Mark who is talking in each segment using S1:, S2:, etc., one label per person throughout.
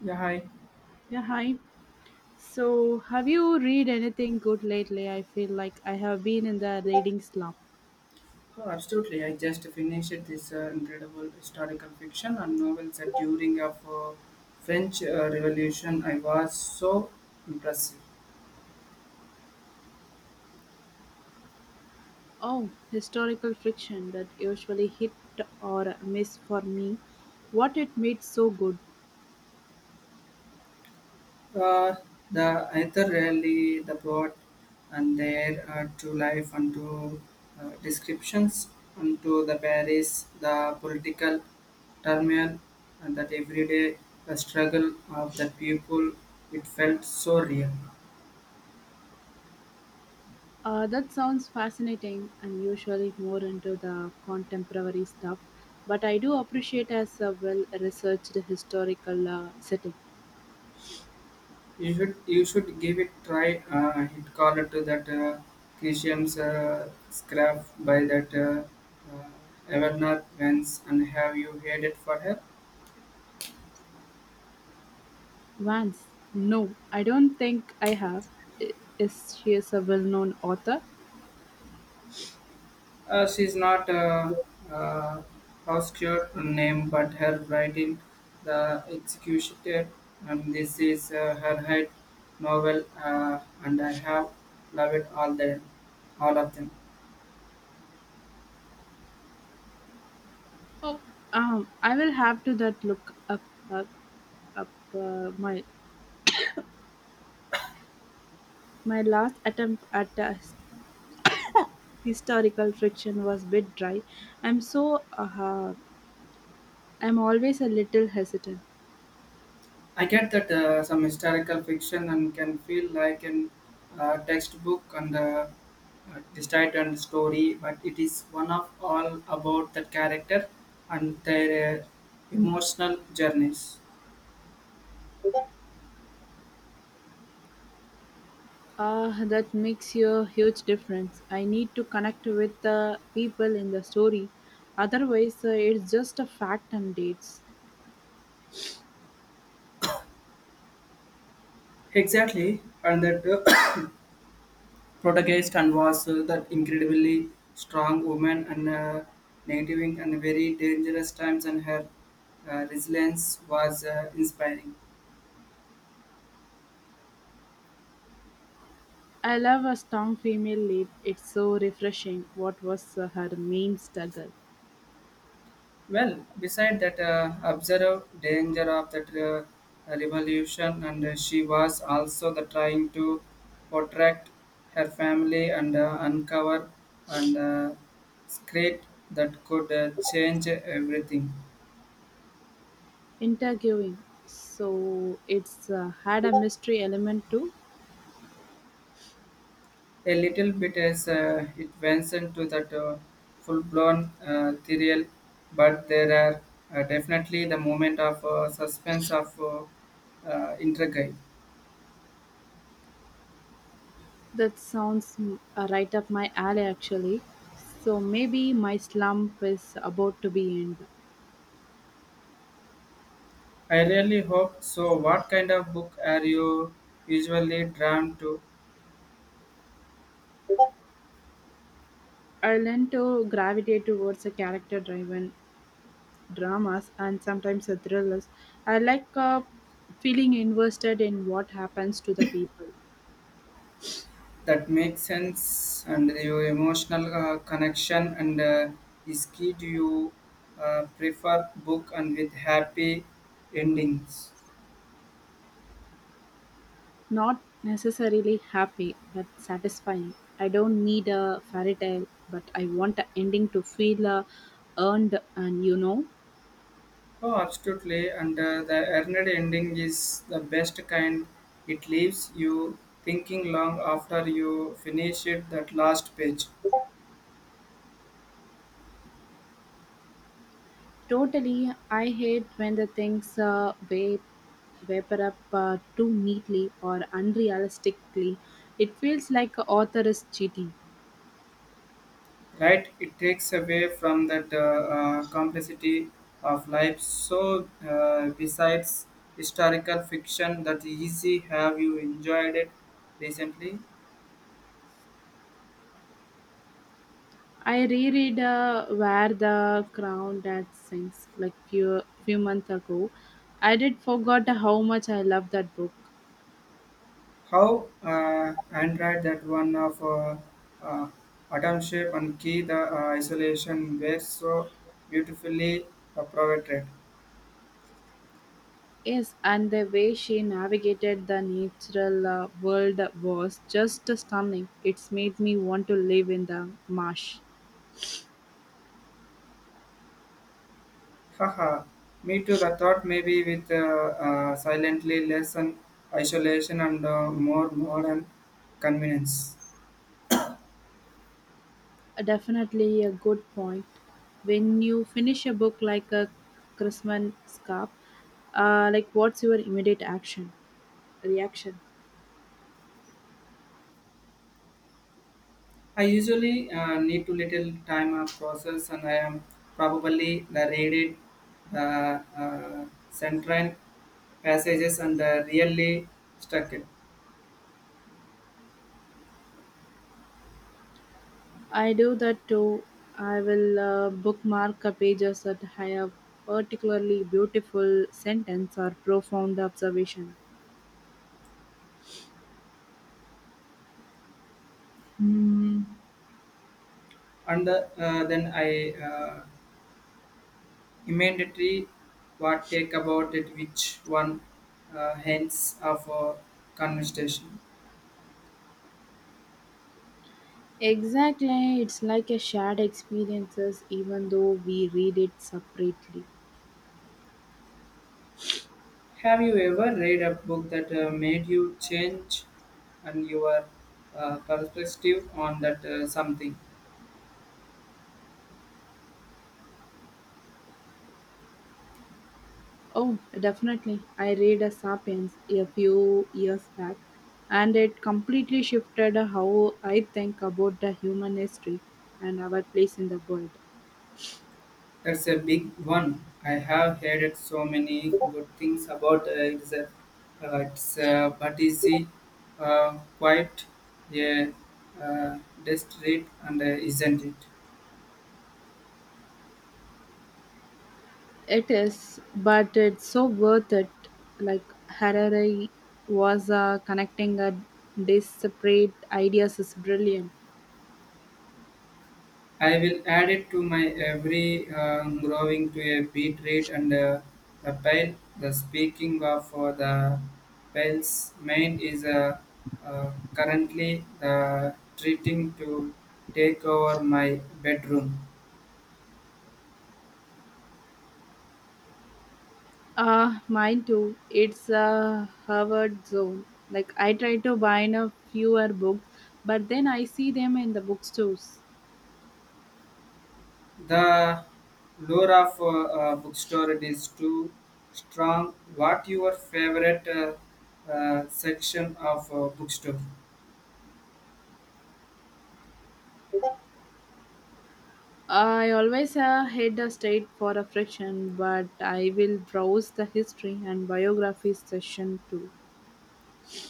S1: Yeah, hi.
S2: Yeah, hi. So, have you read anything good lately? I feel like I have been in the reading slump.
S1: Oh, absolutely. I just finished this incredible historical fiction and novel set during of French Revolution. I was so impressed.
S2: Oh, historical fiction that usually hit or miss for me. What it made so good.
S1: Uh, the author really the plot and their to life and to descriptions and to the Paris, the political turmoil and that everyday struggle of the people. It felt so real.
S2: That sounds fascinating. I'm usually more into the contemporary stuff, but I do appreciate as a well-researched historical setting.
S1: You should give it try. Hit call it called to that Christian's scrap by that uh, Evernote Vance and have you heard it for her?
S2: Vance, no, I don't think I have. I- Is she is a well-known author?
S1: She's not a uh, uh, obscure name, but her writing, the executioner, and this is her head novel, and I have loved all them, all of them.
S2: Oh, I will have to that look up up up. Uh, my my last attempt at a historical friction was bit dry. I'm so uh, I'm always a little hesitant.
S1: I get that some historical fiction and can feel like an textbook and distilled and story, but it is one of all about the character and their emotional journeys.
S2: Ah, that makes a huge difference. I need to connect with the people in the story. Otherwise, it's just a fact and dates.
S1: Exactly, and that protagonist and was that incredibly strong woman and native and very dangerous times, and her resilience was inspiring.
S2: I love a strong female lead. It's so refreshing. What was her main struggle?
S1: Well, beside that observed danger of that revolution, and she was also the trying to protect her family and uncover and secret that could change everything.
S2: Interviewing. So it's had a mystery element too.
S1: A little bit as it went into that full-blown thrill, but there are definitely the moment of suspense of intrigue.
S2: That sounds right up my alley, actually. So maybe my slump is about to be end.
S1: I really hope so. What kind of book are you usually drawn to
S2: I learn to gravitate towards a character-driven dramas and sometimes a thrillers. I like feeling invested in what happens to the people.
S1: that makes sense and your emotional connection and is key? Do you prefer book and with happy endings?
S2: Not necessarily happy, but satisfying. I don't need a fairy tale, but I want the ending to feel earned and.
S1: Oh, absolutely. And the earned ending is the best kind. It leaves you thinking long after you finish it that last page.
S2: Totally, I hate when the things way Vapor up too neatly or unrealistically, it feels like the author is cheating.
S1: Right, it takes away from that complexity of life, so besides historical fiction that easy have you enjoyed it recently?
S2: I reread Where the Crown That Sings like few months ago. I did forgot how much I love that book.
S1: How android that one of uh, atom and key the isolation were so beautifully provided.
S2: Yes, and the way she navigated the natural world was just stunning. It's made me want to live in the marsh.
S1: Haha, me too, the thought maybe with silently lesson isolation and more modern convenience.
S2: Definitely a good point. When you finish a book like a Christmas scarf, like what's your immediate action reaction?
S1: I usually need to little time process, and I am probably the read the uh, central passages and really stuck it.
S2: I do that too. I will bookmark a pages that have particularly beautiful sentence or profound observation.
S1: Hmm. And then I immediately what take about it, which one hence of a conversation.
S2: Exactly, it's like a shared experiences even though we read it separately.
S1: Have you ever read a book that made you change and your perspective on that something?
S2: Oh, definitely. I read a Sapiens a few years back and it completely shifted how I think about the human history and our place in the world.
S1: That's a big one. I have heard so many good things about it's a, it's but is it, quite a uh, desperate and isn't it?
S2: It is, but it's so worth it. Like Harari was connecting a disparate ideas is brilliant.
S1: I will add it to my every growing to a beat rate and the pale. The speaking of the pale's main is currently treating to take over my bedroom.
S2: Mine too. It's a Harvard zone. Like I try to buy in a fewer books, but then I see them in the bookstores.
S1: The lore of bookstore it is too strong. What your favorite section of bookstore?
S2: I always head a state for a fraction, but I will browse the history and biography section too.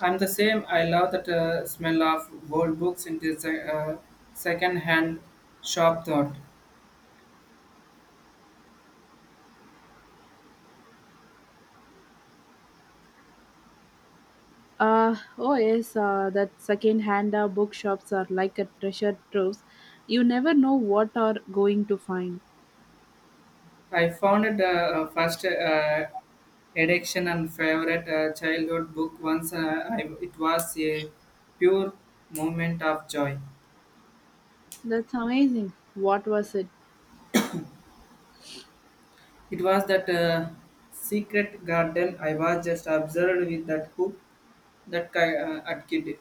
S1: I'm the same. I love that smell of old books in this second-hand shop. Thought
S2: Oh yes, that second-hand bookshops are like a treasure trove. You never know what are going to find.
S1: I found it first addiction and favorite childhood book once. I, it was a pure moment of joy.
S2: That's amazing. What was it?
S1: It was that secret garden. I was just observed with that book, that at kid.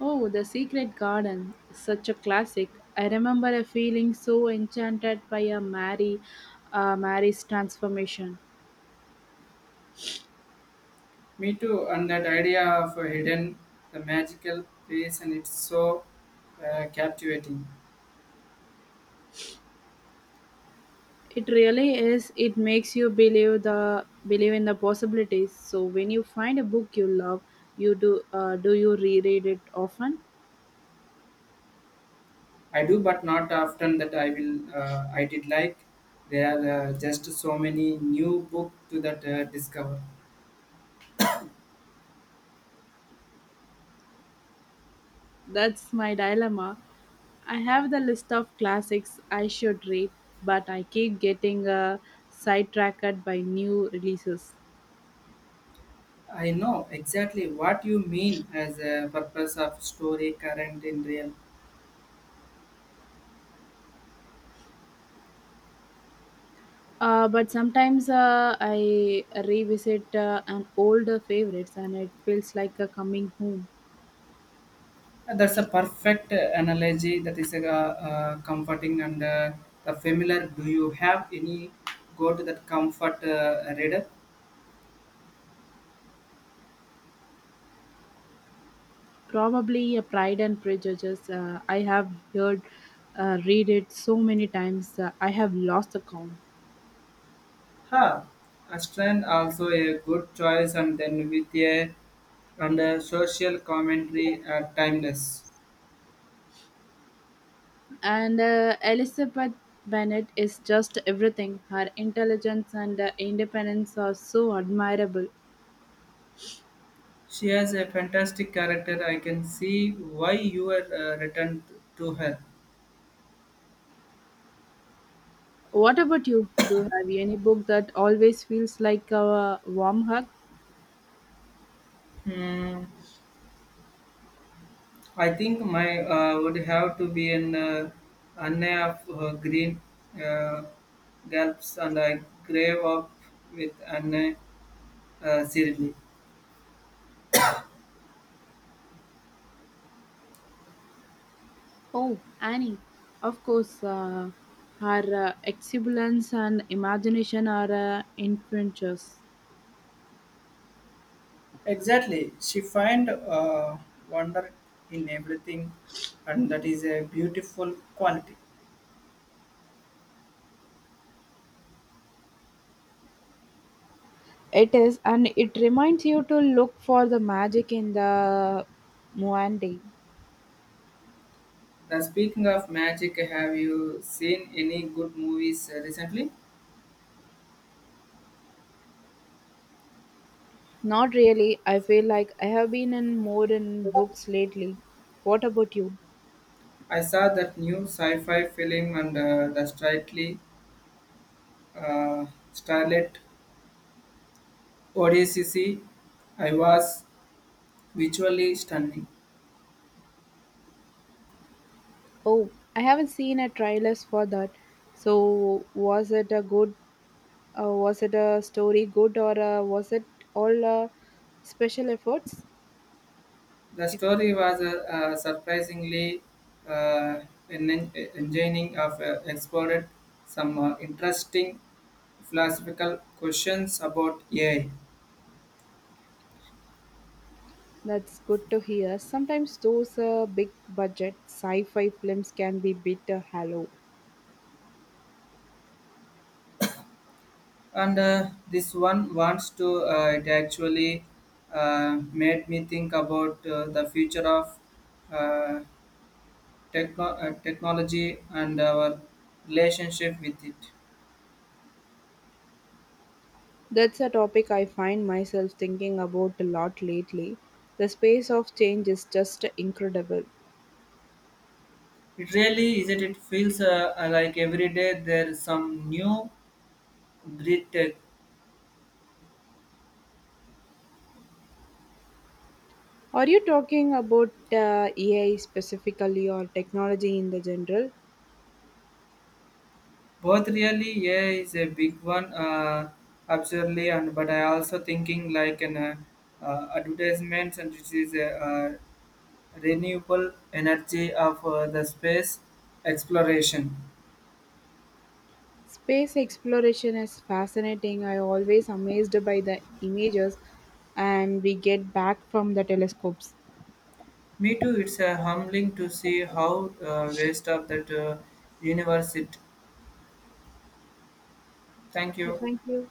S2: Oh, The Secret Garden, is such a classic. I remember a feeling so enchanted by a Mary, Mary's transformation.
S1: Me too, and that idea of a hidden, the magical place, and it's so captivating.
S2: It really is. It makes you believe in the possibilities. So when you find a book you love, you do do you reread it often?
S1: I do, but not often that I will. I did like. There are just so many new book to that discover.
S2: That's my dilemma. I have the list of classics I should read, but I keep getting sidetracked by new releases.
S1: I know exactly what you mean as a purpose of story current in real.
S2: But sometimes I revisit an older favorites and it feels like a coming home.
S1: That's a perfect analogy. That is a comforting and the familiar. Do you have any go to that comfort reader?
S2: Probably a Pride and Prejudice. I have heard, read it so many times. I have lost the count.
S1: Ha, Astron also a good choice, and then with a and a social commentary are timeless.
S2: And Elizabeth Bennet is just everything. Her intelligence and independence are so admirable.
S1: She has a fantastic character. I can see why you are returned to her.
S2: What about you? Do you have any book that always feels like a warm hug?
S1: Hmm. I think my would have to be an Anne of Green uh, Galps, and I grave up with Anne Shirley.
S2: Oh, Annie, of course, her exuberance and imagination are infectious.
S1: Exactly. She find wonder in everything, and that is a beautiful quality.
S2: It is, and it reminds you to look for the magic in the Muandi.
S1: Now, speaking of magic, have you seen any good movies recently?
S2: Not really. I feel like I have been in more in books lately. What about you?
S1: I saw that new sci-fi film and the Strictly uh, Starlet Odysseus, I was visually stunning.
S2: Oh, I haven't seen a trailers for that. So, was it a good? Was it a story good, or was it all special efforts?
S1: The
S2: If
S1: story was a, surprisingly uh, enlightening. Of explored some interesting philosophical questions about AI,
S2: that's good to hear. Sometimes those big budget sci fi films can be bit hollow.
S1: and this one wants to. It actually made me think about the future of uh, technology and our relationship with it.
S2: That's a topic I find myself thinking about a lot lately. The space of change is just incredible.
S1: It really isn't. It feels like every day there's some new breath.
S2: Are you talking about AI specifically or technology in the general?
S1: Both really, yeah, is a big one, absolutely. And but I also thinking like an advertisements, and this is a renewable energy of the space exploration.
S2: Space exploration is fascinating. I always amazed by the images and we get back from the telescopes.
S1: Me too. It's humbling to see how waste of that universe. It. Thank
S2: Yeah,
S1: you.
S2: thank you.